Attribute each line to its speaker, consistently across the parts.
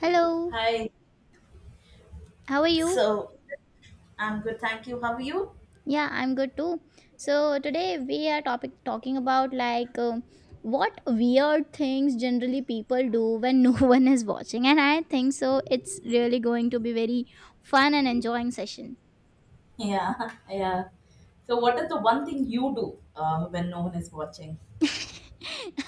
Speaker 1: Hello,
Speaker 2: Hi.
Speaker 1: how are you?
Speaker 2: So I'm good, thank you. How are you?
Speaker 1: Yeah, I'm good too. So today we are topic talking about what weird things generally people do when no one is watching, and I think so. It's really going to be very fun and enjoying session.
Speaker 2: Yeah, yeah. So, what is the one thing you do when no one is watching?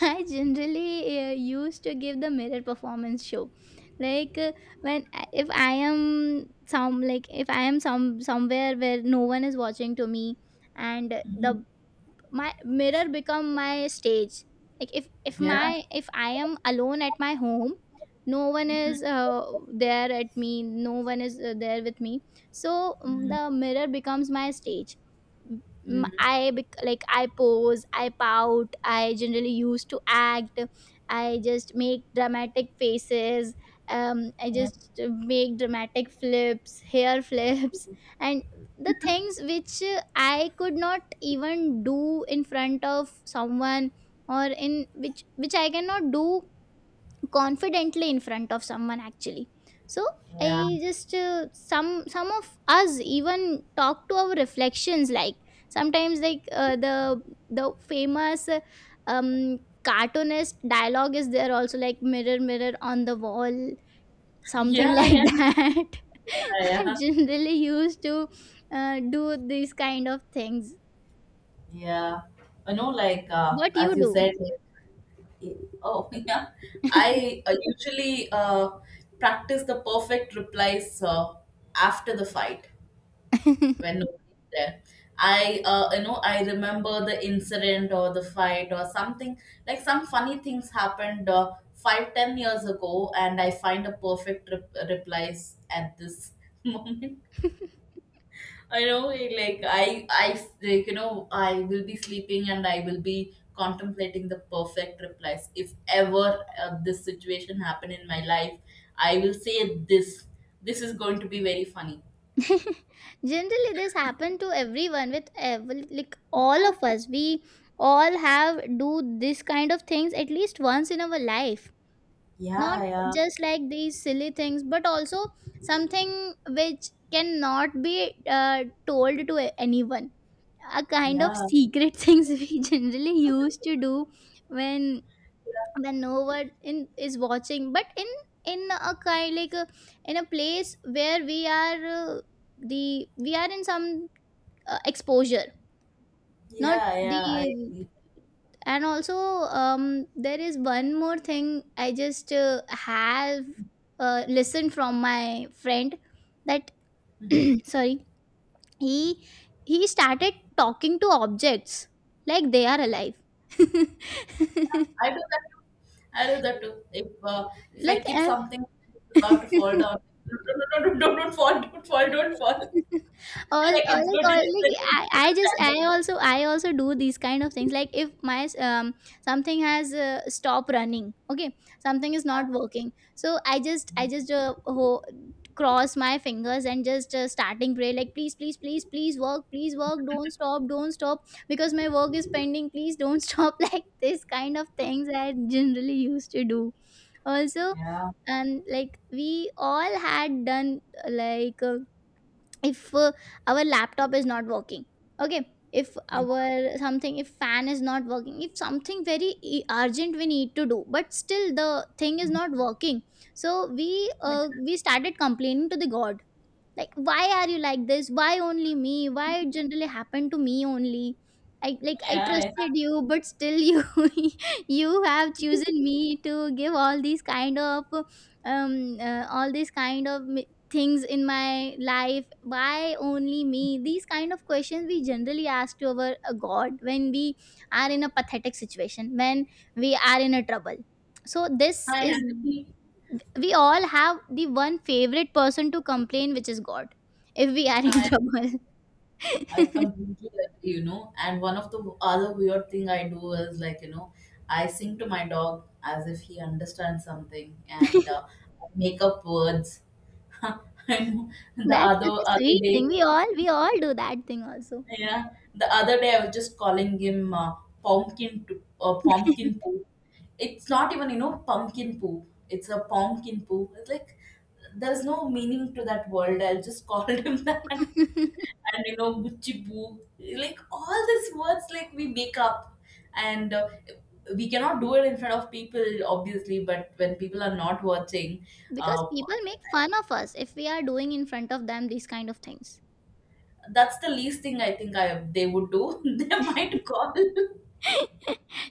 Speaker 1: I generally used to give the mirror performance show, like uh, when if I am some like if I am some somewhere where no one is watching to me, and
Speaker 2: Hmm.
Speaker 1: the my mirror become my stage, like if if
Speaker 2: Yeah.
Speaker 1: my if I am alone at my home, no one is
Speaker 2: Hmm.
Speaker 1: there at me, no one is there with me, so
Speaker 2: Hmm.
Speaker 1: the mirror becomes my stage.
Speaker 2: Hmm.
Speaker 1: Like I pose, I pout, I generally used to act, I just make dramatic faces. I
Speaker 2: Yeah.
Speaker 1: just make dramatic flips, hair flips, and the things which I could not even do in front of someone, or in which I cannot do confidently in front of someone, actually. So
Speaker 2: Yeah.
Speaker 1: I just some of us even talk to our reflections, like sometimes like the famous cartoonist dialogue is there also, like mirror mirror on the wall, something
Speaker 2: Yeah.
Speaker 1: like
Speaker 2: Yeah.
Speaker 1: that. I
Speaker 2: Yeah.
Speaker 1: generally used to do these kind of things.
Speaker 2: Yeah. I know, like
Speaker 1: What you
Speaker 2: as you
Speaker 1: do?
Speaker 2: said. Like, oh, yeah. I usually practice the perfect replies after the fight. When nobody's there. I remember the incident or the fight or something like some funny things happened 5-10 years ago, and I find a perfect replies at this moment. I know, like like, I will be sleeping and I will be contemplating the perfect replies. If ever this situation happen in my life, I will say this. This is going to be very funny.
Speaker 1: Generally this happened to everyone with every, like all of us, we all have do this kind of things at least once in our life. Not
Speaker 2: Yeah,
Speaker 1: just like these silly things, but also something which cannot be told to anyone, a
Speaker 2: yeah,
Speaker 1: kind of
Speaker 2: yeah.
Speaker 1: secret things we generally used to do when no one in is watching, but in a kind in a place where we are the we are in some exposure. not
Speaker 2: Yeah, yeah, I
Speaker 1: the
Speaker 2: agree.
Speaker 1: and also, there is one more thing I just have listened from my friend, that
Speaker 2: Mhm.
Speaker 1: sorry, he he started talking to objects like they are alive.
Speaker 2: Yeah, I do that too. I do that too. If uh, if I
Speaker 1: like
Speaker 2: keep
Speaker 1: uh,
Speaker 2: something, it's about to fall down. No, no, no, no, don't fall, don't fall, don't fall.
Speaker 1: all,
Speaker 2: Like, it's good to listen, it's good
Speaker 1: I
Speaker 2: to
Speaker 1: just
Speaker 2: stand up.
Speaker 1: I also do these kind of things. Like if my something has stopped running, okay, something is not working, so I
Speaker 2: Mhm.
Speaker 1: just cross my fingers and just starting pray, like please please please please work, please work, don't stop, don't stop, because my work is pending, please don't stop. Like this kind of things I generally used to do also.
Speaker 2: Yeah,
Speaker 1: And like we all had done, if our laptop is not working, okay, if
Speaker 2: yeah,
Speaker 1: our something, if fan is not working, if something very urgent we need to do, but still the thing is not working, so we started complaining to the god, like why are you like this, why only me, why it generally happened to me only, I like I
Speaker 2: yeah. Yeah.
Speaker 1: trusted you but still you you have chosen me to give all these kind of all these kind of things in my life, why only me, these kind of questions we generally ask to our god when we are in a pathetic situation, when we are in a trouble. So this
Speaker 2: Hi,
Speaker 1: is,
Speaker 2: Anthony.
Speaker 1: we all have the one favorite person to complain, which is god, if we are in
Speaker 2: Hi.
Speaker 1: trouble.
Speaker 2: I completely agree. And one of the other weird thing I do is I sing to my dog as if he understands something and I make up words. I know the
Speaker 1: That's such
Speaker 2: other
Speaker 1: a
Speaker 2: other
Speaker 1: sweet thing,
Speaker 2: day.
Speaker 1: we all do that thing also,
Speaker 2: Yeah, the other day I was just calling him pumpkin to, pumpkin poo. It's not even pumpkin poo. It's a pumpkin poo. It's like there's no meaning to that word. I just called him that, and Gucci poo. Like, all these words, like we make up, and we cannot do it in front of people, obviously. But when people are not watching,
Speaker 1: because
Speaker 2: uh,
Speaker 1: people make fun of us if we are doing in front of them these kind of things.
Speaker 2: that's the least thing I think I they would do. They might call.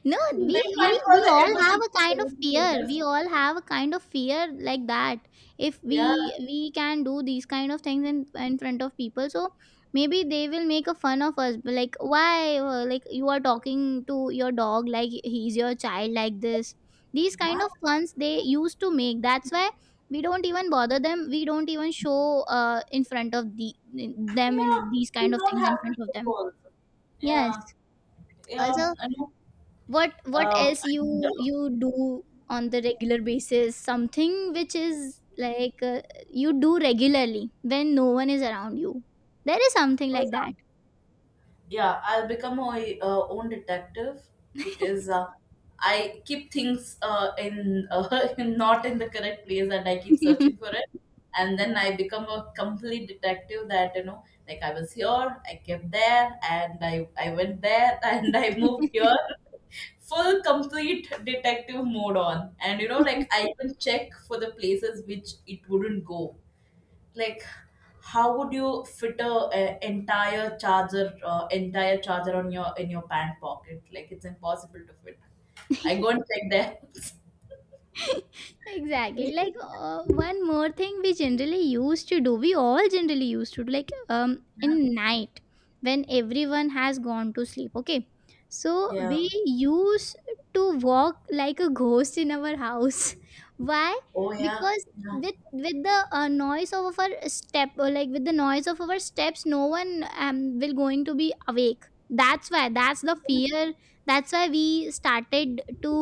Speaker 1: No,
Speaker 2: They find for
Speaker 1: we
Speaker 2: the
Speaker 1: all have a
Speaker 2: emergency
Speaker 1: kind of fear.
Speaker 2: solicitors.
Speaker 1: We all have a kind of fear like that. If
Speaker 2: Yeah,
Speaker 1: we can do these kind of things in front of people, so maybe they will make a fun of us. But like why, like you are talking to your dog like he's your child, like this. These
Speaker 2: yeah,
Speaker 1: kind of funs they used to make. That's why we don't even bother them. We don't even show in front of them
Speaker 2: yeah.
Speaker 1: and these
Speaker 2: You
Speaker 1: kind of
Speaker 2: don't
Speaker 1: things
Speaker 2: have
Speaker 1: in
Speaker 2: to
Speaker 1: front of
Speaker 2: show
Speaker 1: them.
Speaker 2: also.
Speaker 1: Yes.
Speaker 2: Yeah, yeah.
Speaker 1: Also,
Speaker 2: I know.
Speaker 1: what
Speaker 2: Uh,
Speaker 1: else
Speaker 2: and
Speaker 1: you do on the regular basis, something which is you do regularly when no one is around you, there is something
Speaker 2: oh,
Speaker 1: like that.
Speaker 2: yeah. Yeah, I'll become my own detective. Because I keep things in not in the correct place, and I keep searching for it. And then I become a complete detective, that you know, like I was here, I kept there, and I went there, and I moved here. Full complete detective mode on, and like I even check for the places which it wouldn't go. Like, how would you fit a entire charger, entire charger on your in your pant pocket? Like, it's impossible to fit. I go and check that.
Speaker 1: Exactly, like one more thing we generally used to do, we all generally used to do, like in night when everyone has gone to sleep, okay, so
Speaker 2: Yeah.
Speaker 1: we used to walk like a ghost in our house. Why?
Speaker 2: Oh, Yeah,
Speaker 1: Because
Speaker 2: yeah,
Speaker 1: with the noise of our step, or like with the noise of our steps, no one will going to be awake, that's why, that's the fear, that's why we started to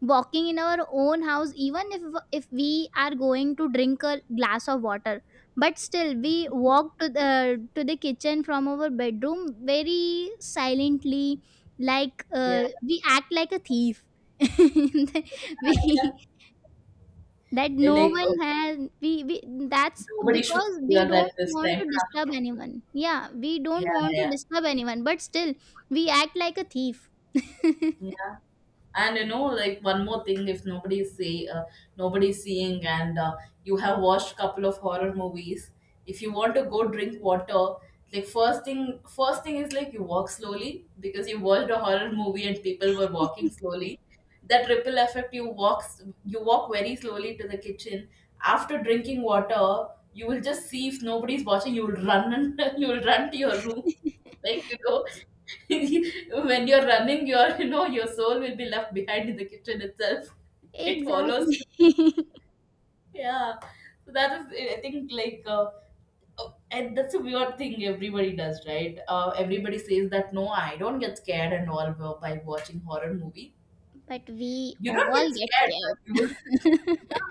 Speaker 1: walking in our own house, even if we are going to drink a glass of water, but still we walk to the kitchen from our bedroom very silently, like
Speaker 2: yeah.
Speaker 1: we act like a thief. We, that
Speaker 2: Yeah.
Speaker 1: no
Speaker 2: Like,
Speaker 1: one
Speaker 2: oh,
Speaker 1: has, we that's
Speaker 2: nobody should
Speaker 1: because we
Speaker 2: hear that
Speaker 1: don't
Speaker 2: this
Speaker 1: want
Speaker 2: time.
Speaker 1: to disturb anyone, yeah we
Speaker 2: Yeah,
Speaker 1: don't want to
Speaker 2: yeah.
Speaker 1: disturb anyone, but still we act like a thief.
Speaker 2: Yeah. And you know, like, one more thing, if nobody's seeing, and you have watched couple of horror movies, if you want to go drink water, like first thing is, like, you walk slowly because you watched a horror movie and people were walking slowly. That ripple effect, you walk very slowly to the kitchen. After drinking water, you will just see if nobody's watching. You will run, and you will run to your room. Like, you go. When you're running, your you know your soul will be left behind in the kitchen itself. It follows
Speaker 1: Exactly.
Speaker 2: you. Yeah, so that is, I think, like. Oh, and that's a weird thing everybody does, right? Everybody says that, no, I don't get scared and all, by watching horror movie.
Speaker 1: But we
Speaker 2: You don't
Speaker 1: all
Speaker 2: get
Speaker 1: get
Speaker 2: scared,
Speaker 1: scared.
Speaker 2: but you will. Yeah,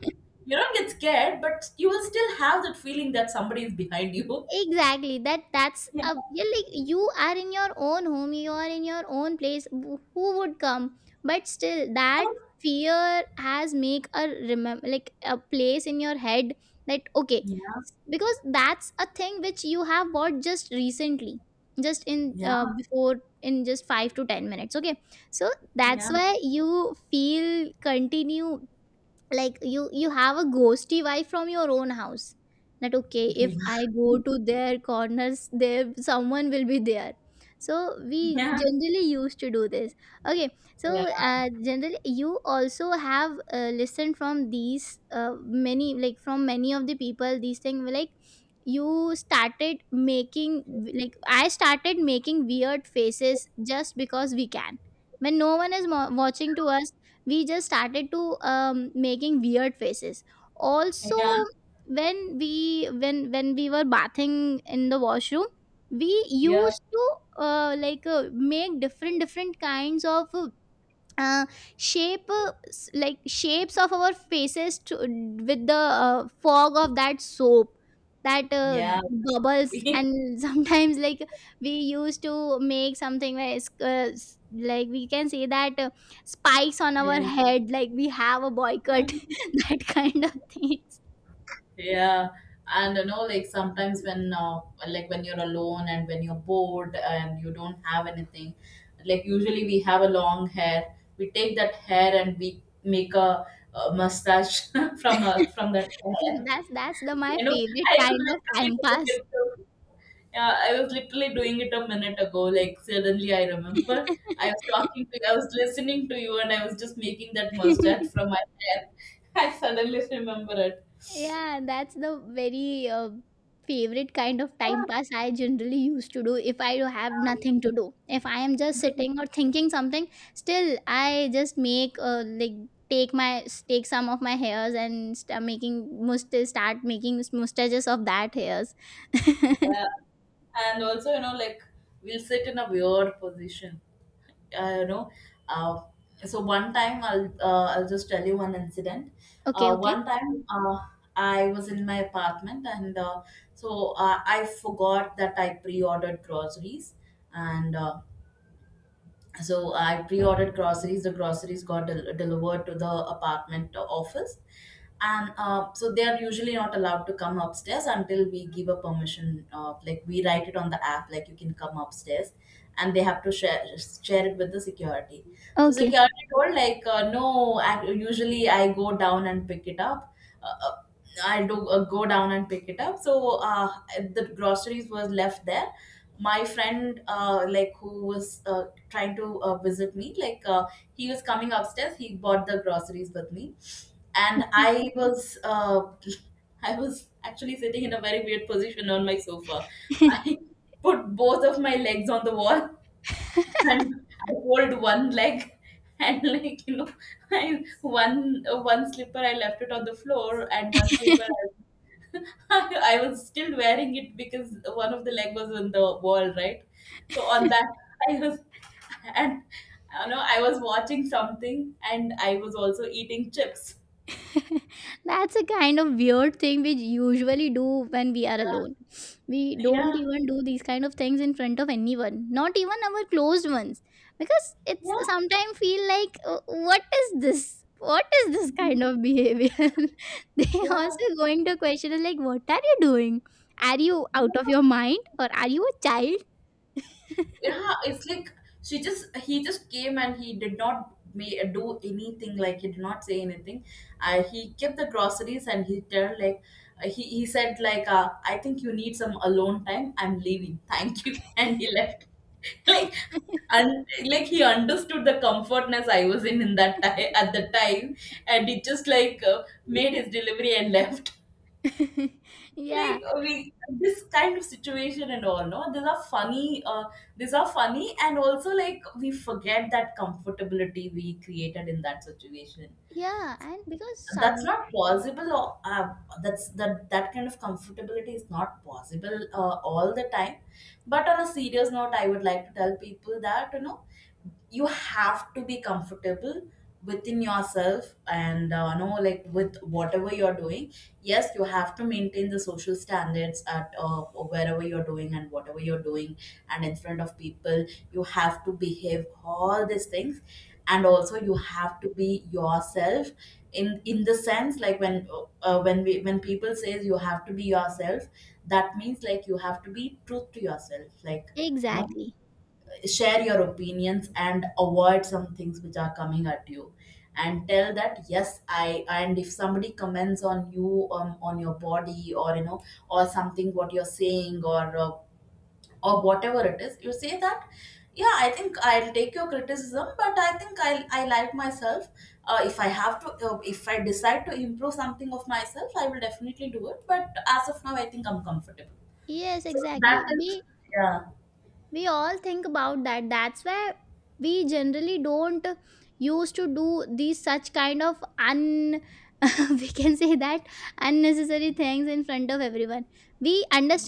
Speaker 2: you don't get scared, but you will still have that feeling that somebody is behind you.
Speaker 1: Exactly, that's a you're like, you are in your own home, you are in your own place, who would come, but still that fear has make a remember like a place in your head, that okay,
Speaker 2: Yeah,
Speaker 1: because that's a thing which you have bought just recently, just in
Speaker 2: yeah,
Speaker 1: before in just 5 to 10 minutes, okay, so that's
Speaker 2: yeah,
Speaker 1: why you feel continue, like you have a ghosty vibe from your own house, that okay
Speaker 2: yeah,
Speaker 1: if I go to their corners, there someone will be there. So we
Speaker 2: yeah,
Speaker 1: generally used to do this, okay. So
Speaker 2: yeah,
Speaker 1: generally you also have listened from these many, like from many of the people these things, like you started making, like I started making weird faces just because we can, when no one is watching to us, we just started to making weird faces also.
Speaker 2: yeah,
Speaker 1: When we when we were bathing in the washroom, we
Speaker 2: yeah.
Speaker 1: used to make different different kinds of uh, shape, like shapes of our faces to, with the fog of that soap, that
Speaker 2: Yeah,
Speaker 1: bubbles,
Speaker 2: yeah,
Speaker 1: and sometimes like we used to make something where it's, like we can say that spikes on our head, like we have a boycott that kind of things.
Speaker 2: yeah. And you know, like, sometimes when, like, when you're alone and when you're bored and you don't have anything, like, usually we have a long hair. We take that hair and we make a mustache from from that hair.
Speaker 1: That's the my
Speaker 2: You know,
Speaker 1: favorite
Speaker 2: I was
Speaker 1: kind of time
Speaker 2: literally doing
Speaker 1: pass.
Speaker 2: it. Yeah, I was literally doing it a minute ago. Like, suddenly I remember, I was listening to you, and I was just making that mustard from my hair. I suddenly remember it.
Speaker 1: Yeah, that's the very favorite kind of
Speaker 2: Yeah.
Speaker 1: time pass I generally used to do if I have nothing
Speaker 2: um,
Speaker 1: to do. If I am just sitting or thinking something, still I just make take my take some of my hairs and start making must start making mustaches of that hairs.
Speaker 2: yeah. And also, you know, like, we'll sit in a weird position. Uh, you know, uh, so one time I'll just tell you one incident.
Speaker 1: Okay, okay.
Speaker 2: One time I was in my apartment, and so I forgot that I pre-ordered groceries, and so I pre-ordered groceries. The groceries got delivered to the apartment office, and so they are usually not allowed to come upstairs until we give a permission. Like, we write it on the app, like, you can come upstairs, and they have to share it with the security. So
Speaker 1: Okay.
Speaker 2: security told, like, no. Usually I go down and pick it up. Uh, uh, I do go down and pick it up. So the groceries was left there. My friend, like, who was trying to visit me, he was coming upstairs. He bought the groceries with me, and I was I was actually sitting in a very weird position on my sofa. I put both of my legs on the wall, and I hold one leg, and like, you know, I one one slipper I left it on the floor, and one slipper I, I was still wearing it because one of the leg was on the wall, right? So on that I was, and you know, I was watching something, and I was also eating chips.
Speaker 1: That's a kind of weird thing we usually do when we are alone. We
Speaker 2: Yeah,
Speaker 1: don't
Speaker 2: yeah,
Speaker 1: even do these kind of things in front of anyone, not even our closed ones, because it's sometimes feel like, what is this
Speaker 2: yeah,
Speaker 1: kind of behavior?" They
Speaker 2: yeah,
Speaker 1: also going to question us like what are you doing, are you out of
Speaker 2: yeah.
Speaker 1: your mind, or are you a child?
Speaker 2: Yeah, it's like, she just he just came and he did not may do anything, like he did not say anything. He kept the groceries, and he tell, like, he said, like, I think you need some alone time. I'm leaving, thank you. And he left. Like, and, like, he understood the comfortness I was in that time, at the time, and he just, like, made his delivery and left.
Speaker 1: Yeah,
Speaker 2: We, this kind of situation and all, no, these are funny. These are funny, and also, like, we forget that comfortability we created in that situation.
Speaker 1: yeah. And because
Speaker 2: That's
Speaker 1: some,
Speaker 2: not possible. Or that's that that kind of comfortability is not possible, all the time. But on a serious note, I would like to tell people that, you know, you have to be comfortable within yourself, and know, like, with whatever you're doing. Yes, you have to maintain the social standards at wherever you're doing and whatever you're doing, and in front of people you have to behave all these things, and also you have to be yourself. In the sense, like, when people says you have to be yourself, that means, like, you have to be truth to yourself, like, you know,
Speaker 1: exactly,
Speaker 2: share your opinions and avoid some things which are coming at you, and tell that, yes, I and if somebody comments on you, on your body, or you know, or something what you're saying, or whatever it is, you say that, yeah, I think I'll take your criticism, but I think I like myself. If I decide to improve something of myself, I will definitely do it, but as of now, I think I'm comfortable.
Speaker 1: yes
Speaker 2: So
Speaker 1: exactly,
Speaker 2: that is. Yeah,
Speaker 1: we all think about that, that's why we generally don't used to do these such kind of un we can say that unnecessary things in front of everyone. We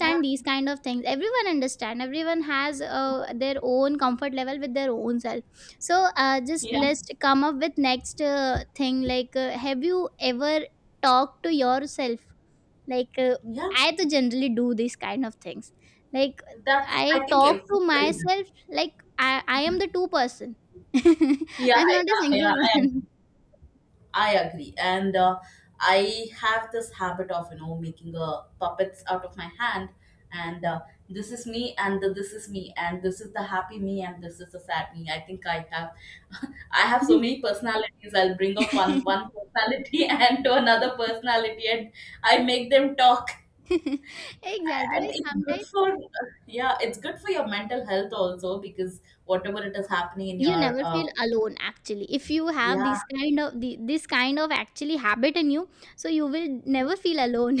Speaker 2: yeah,
Speaker 1: these kind of things, everyone understand, everyone has their own comfort level with their own self. So just
Speaker 2: yeah,
Speaker 1: let's come up with next thing, like have you ever talked to yourself? like, uh,
Speaker 2: yeah.
Speaker 1: I to generally do these kind of things. Like,
Speaker 2: That's, I
Speaker 1: I
Speaker 2: think,
Speaker 1: talk to
Speaker 2: everybody.
Speaker 1: myself like I am the two person.
Speaker 2: Yeah,
Speaker 1: I'm not a
Speaker 2: yeah,
Speaker 1: single
Speaker 2: I
Speaker 1: one.
Speaker 2: am. I agree. And I have this habit of, you know, making puppets out of my hand. And this is me, and this is me, and this is the happy me, and this is the sad me. I think I have, I have so many personalities. I'll bring up one personality, and to another personality, and I make them talk.
Speaker 1: Exactly.
Speaker 2: And
Speaker 1: Like
Speaker 2: it's good
Speaker 1: sometimes
Speaker 2: for, yeah, it's good for your mental health also, because whatever it is happening in
Speaker 1: you
Speaker 2: your,
Speaker 1: never feel alone actually if you have
Speaker 2: yeah,
Speaker 1: this kind of this kind of actually habit in you, so you will never feel alone.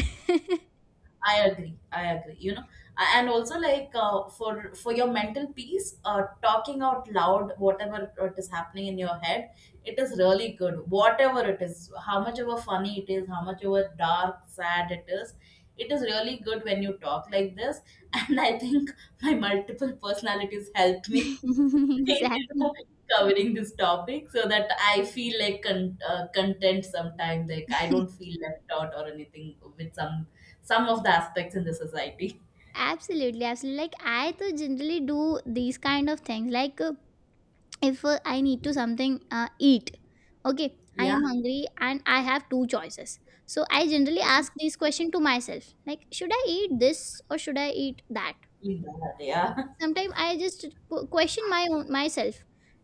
Speaker 2: I agree. I agree. You know, and also, like, for your mental peace, talking out loud whatever it is happening in your head, it is really good. Whatever it is, how much ever funny it is, how much ever dark, sad it is really good when you talk like this. And I think my multiple personalities helped me you know,
Speaker 1: Exactly.
Speaker 2: covering this topic so that I feel like content sometimes. Like, I don't feel left out or anything with some of the aspects in the society.
Speaker 1: Absolutely, absolutely. Like I to generally do these kind of things. Like if I need to something eat, okay, I
Speaker 2: Yeah,
Speaker 1: am hungry and I have two choices, so I generally ask this question to myself like should I eat this or should I eat that.
Speaker 2: yeah, yeah,
Speaker 1: Sometimes I just question my own myself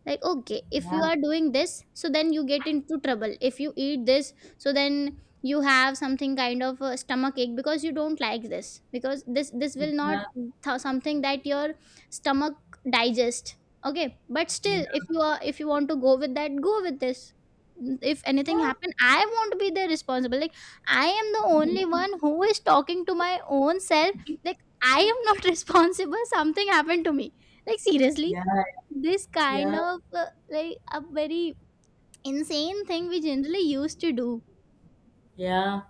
Speaker 1: like, okay, if
Speaker 2: yeah,
Speaker 1: you are doing this so then you get into trouble if you eat this, so then you have something kind of a stomach ache because you don't like this because this will not
Speaker 2: yeah,
Speaker 1: something that your stomach digest. Okay, but still if you are if you want to go with that, go with this. If anything
Speaker 2: yeah,
Speaker 1: happen I won't be the responsible, like I am the only one who is talking to my own self. I am not responsible. Something happened to me. Like seriously,
Speaker 2: yeah.
Speaker 1: this kind
Speaker 2: Yeah.
Speaker 1: of like a very insane thing we generally used to do.
Speaker 2: Yeah.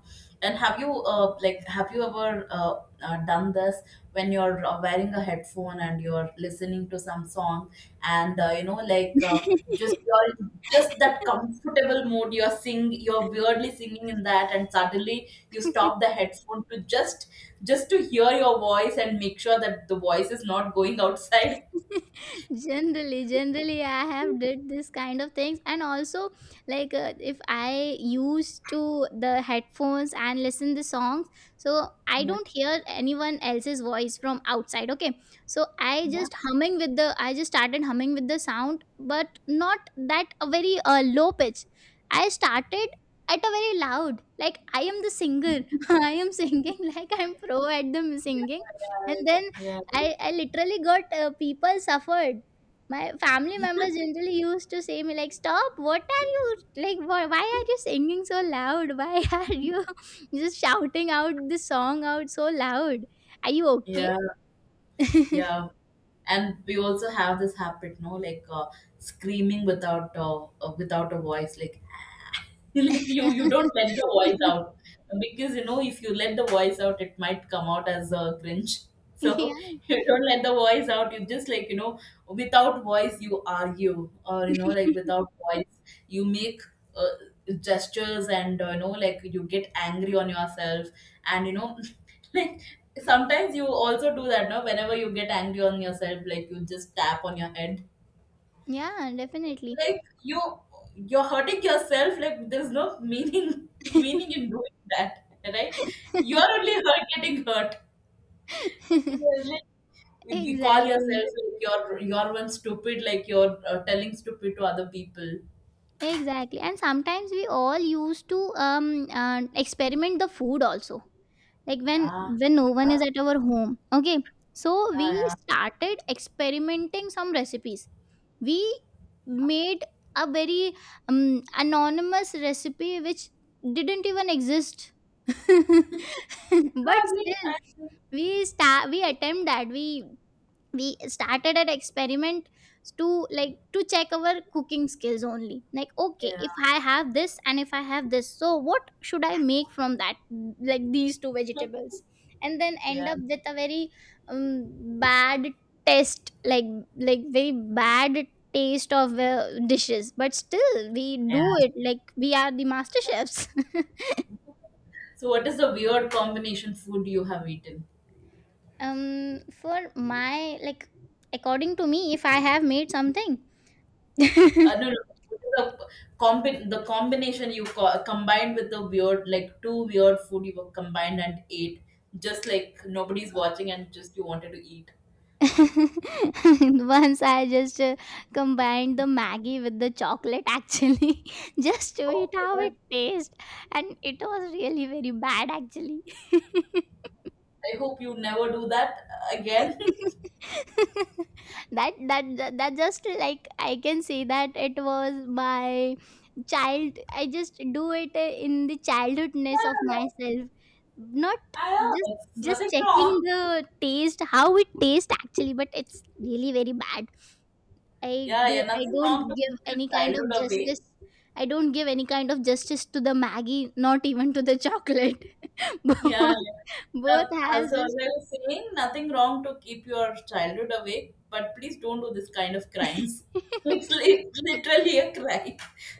Speaker 2: And have you like have you ever done this when you're wearing a headphone and you're listening to some song and just you're in just that comfortable mode you're weirdly singing in that and suddenly you stop the headphone to just to hear your voice and make sure that the voice is not going outside.
Speaker 1: Generally I have did this kind of things. And also like if I used to the headphones and listen the songs, so I
Speaker 2: Yeah.
Speaker 1: don't hear anyone else's voice from outside. Okay, so I
Speaker 2: Yeah.
Speaker 1: just humming with the I just started humming with the sound, but not that a very low pitch. I started at a very loud, like I am the singer. I am singing like I'm pro at the singing. And
Speaker 2: Yeah.
Speaker 1: then
Speaker 2: Yeah.
Speaker 1: I literally got people suffered. My family
Speaker 2: Yeah.
Speaker 1: members generally used to say me like, "Stop! What are you like? Why are you singing so loud? Why are you just shouting out this song out so loud? Are you okay?"
Speaker 2: Yeah. Yeah, and we also have this habit, no, screaming without without a voice. Like like you don't let the voice out because you know if you let the voice out it might come out as a cringe so.
Speaker 1: Yeah,
Speaker 2: You don't let the voice out, you just without voice you argue, or without voice you make uh, gestures, and you get angry on yourself. And like sometimes you also do that, no, whenever you get angry on yourself, like you just tap on your head,
Speaker 1: yeah, definitely.
Speaker 2: like you're hurting yourself. Like there's no meaning meaning in doing that, right? You're only hurt getting hurt. Like, we call
Speaker 1: Exactly.
Speaker 2: yourself like you're one stupid, like you're telling stupid to other people.
Speaker 1: Exactly. And sometimes we all used to experiment the food also. Like
Speaker 2: Yeah,
Speaker 1: when no one is
Speaker 2: yeah,
Speaker 1: at our home. Okay. So
Speaker 2: yeah,
Speaker 1: we
Speaker 2: yeah.
Speaker 1: started experimenting some recipes. We made a very anonymous recipe which didn't even exist.
Speaker 2: I
Speaker 1: But
Speaker 2: agree,
Speaker 1: still
Speaker 2: I agree.
Speaker 1: we start we attempt that we started an experiment to like to check our cooking skills only, like, okay, if
Speaker 2: Yeah,
Speaker 1: I have this and if I have this so what should I make from that, like these two vegetables. And then end
Speaker 2: yeah,
Speaker 1: up with a very bad taste, like very bad taste of dishes, but still we do
Speaker 2: yeah.
Speaker 1: it like we are the master chefs.
Speaker 2: So what is the weird combination food you have eaten?
Speaker 1: Um, for my like according to me if I have made something.
Speaker 2: No, no. The the combination you combined with the weird, like two weird food you were combined and ate, just like nobody's watching and just you wanted to eat.
Speaker 1: Once I just combined the Maggie with the chocolate actually, just to eat
Speaker 2: Oh
Speaker 1: how it
Speaker 2: God!
Speaker 1: tastes, and it was really very bad actually.
Speaker 2: I hope you never do that again. Yeah,
Speaker 1: That, that just like I can say that it was my child. I just do it in the childhoodness of myself, not
Speaker 2: I
Speaker 1: just
Speaker 2: know. It's
Speaker 1: just
Speaker 2: nothing
Speaker 1: checking
Speaker 2: wrong.
Speaker 1: the taste how it tastes actually, but it's really very bad. I
Speaker 2: Yeah,
Speaker 1: do
Speaker 2: yeah,
Speaker 1: I
Speaker 2: nothing
Speaker 1: don't
Speaker 2: wrong to
Speaker 1: give
Speaker 2: keep your
Speaker 1: any kind of
Speaker 2: childhood away.
Speaker 1: justice. I don't give any kind of justice to the Maggie, not even to the chocolate. Both,
Speaker 2: Yeah, yeah.
Speaker 1: both
Speaker 2: That,
Speaker 1: has
Speaker 2: as I
Speaker 1: just
Speaker 2: was saying, nothing wrong to keep your childhood awake, but please don't do this kind of crimes. It's literally a crime.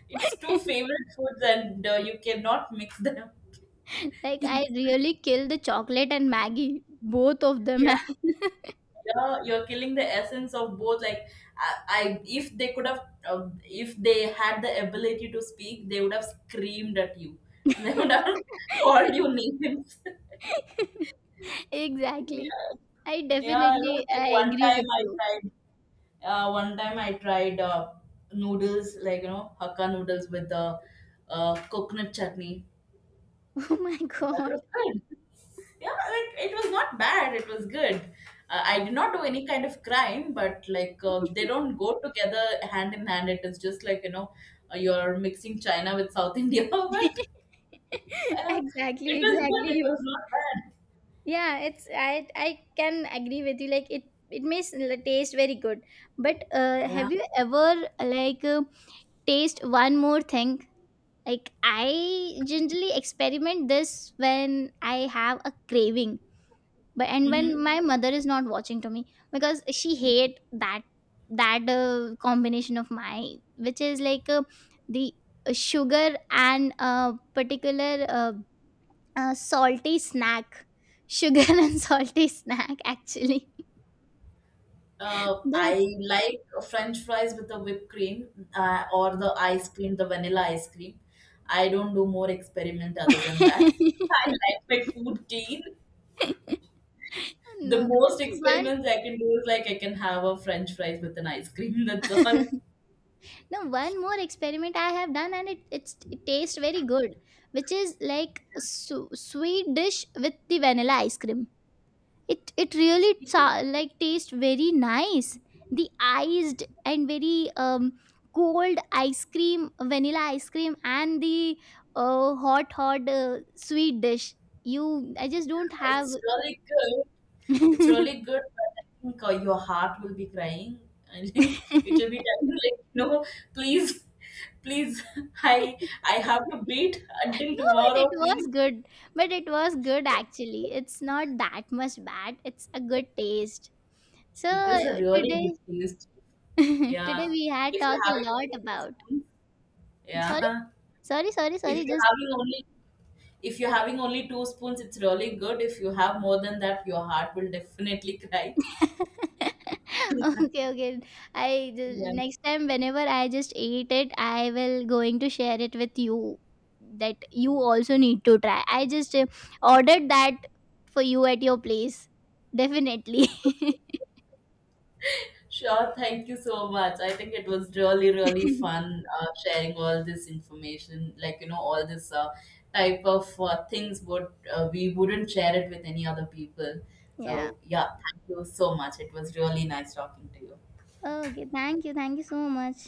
Speaker 2: It's two favorite foods, and you cannot mix them.
Speaker 1: like
Speaker 2: Yeah,
Speaker 1: I really kill the chocolate and Maggie. Both of them.
Speaker 2: yeah,
Speaker 1: Have-
Speaker 2: you're killing the essence of both. Like, I if they could have, if they had the ability to speak, they would have screamed at you. They would have called you names.
Speaker 1: exactly.
Speaker 2: Yeah.
Speaker 1: I
Speaker 2: Yeah, I know.
Speaker 1: definitely
Speaker 2: Like
Speaker 1: I
Speaker 2: one
Speaker 1: agree
Speaker 2: time
Speaker 1: with
Speaker 2: I
Speaker 1: you.
Speaker 2: tried. One time I tried noodles, like you know, Hakka noodles with the coconut chutney.
Speaker 1: Oh my
Speaker 2: That
Speaker 1: god.
Speaker 2: was good. Yeah, like it was not bad. It was good. I did not do any kind of crime, but they don't go together hand in hand. It is just you're mixing China with South India, but uh,
Speaker 1: Exactly,
Speaker 2: it was
Speaker 1: exactly
Speaker 2: good. It
Speaker 1: you.
Speaker 2: was not bad.
Speaker 1: Yeah, it's I can agree with you like it may taste very good, but
Speaker 2: Yeah.
Speaker 1: have you ever like taste one more thing, like I generally experiment this when I have a craving, but and when
Speaker 2: Mm-hmm.
Speaker 1: my mother is not watching to me, because she hate that that combination of mine, which is like the sugar and a particular a salty snack, sugar and salty snack actually,
Speaker 2: I
Speaker 1: that's
Speaker 2: like French fries with the whipped cream, or the ice cream, the vanilla ice cream. I don't do more experiment other than that. I like my food clean. The
Speaker 1: no.
Speaker 2: most
Speaker 1: And one
Speaker 2: experiments I can do is like I can have a French fries with an ice cream. That's all.
Speaker 1: no, one more experiment I have done and it tastes very good, which is like sweet dish with the vanilla ice cream. It really
Speaker 2: Sweet.
Speaker 1: like tastes very nice. The iced and very cold ice cream vanilla ice cream and the hot hot sweet dish. You I just don't have.
Speaker 2: It's really good. It's really good, but I think your heart will be crying. I think it will be telling you, like, no, please, please, I I have to beat until
Speaker 1: No, but
Speaker 2: tomorrow,
Speaker 1: it was
Speaker 2: please.
Speaker 1: good. But it was good actually, it's not that much bad, it's a good taste. So
Speaker 2: It is a really
Speaker 1: today
Speaker 2: good taste. Yeah.
Speaker 1: today we had
Speaker 2: If you're
Speaker 1: talked a
Speaker 2: having
Speaker 1: lot
Speaker 2: only two
Speaker 1: about
Speaker 2: spoons,
Speaker 1: sorry
Speaker 2: yeah.
Speaker 1: sorry sorry
Speaker 2: If
Speaker 1: sorry
Speaker 2: you're
Speaker 1: just.
Speaker 2: having only two spoons, it's really good. If you have more than that, your heart will definitely cry.
Speaker 1: Okay, okay, I
Speaker 2: Yeah.
Speaker 1: next time whenever I just eat it I will going to share it with you, that you also need to try. I just ordered that for you at your place, definitely.
Speaker 2: Sure, thank you so much. I think it was really, really fun sharing all this information, like, you know, all this type of things would we wouldn't share it with any other people.
Speaker 1: Yeah,
Speaker 2: So yeah, thank you so much. It was really nice talking to you.
Speaker 1: okay, thank you, thank you so much.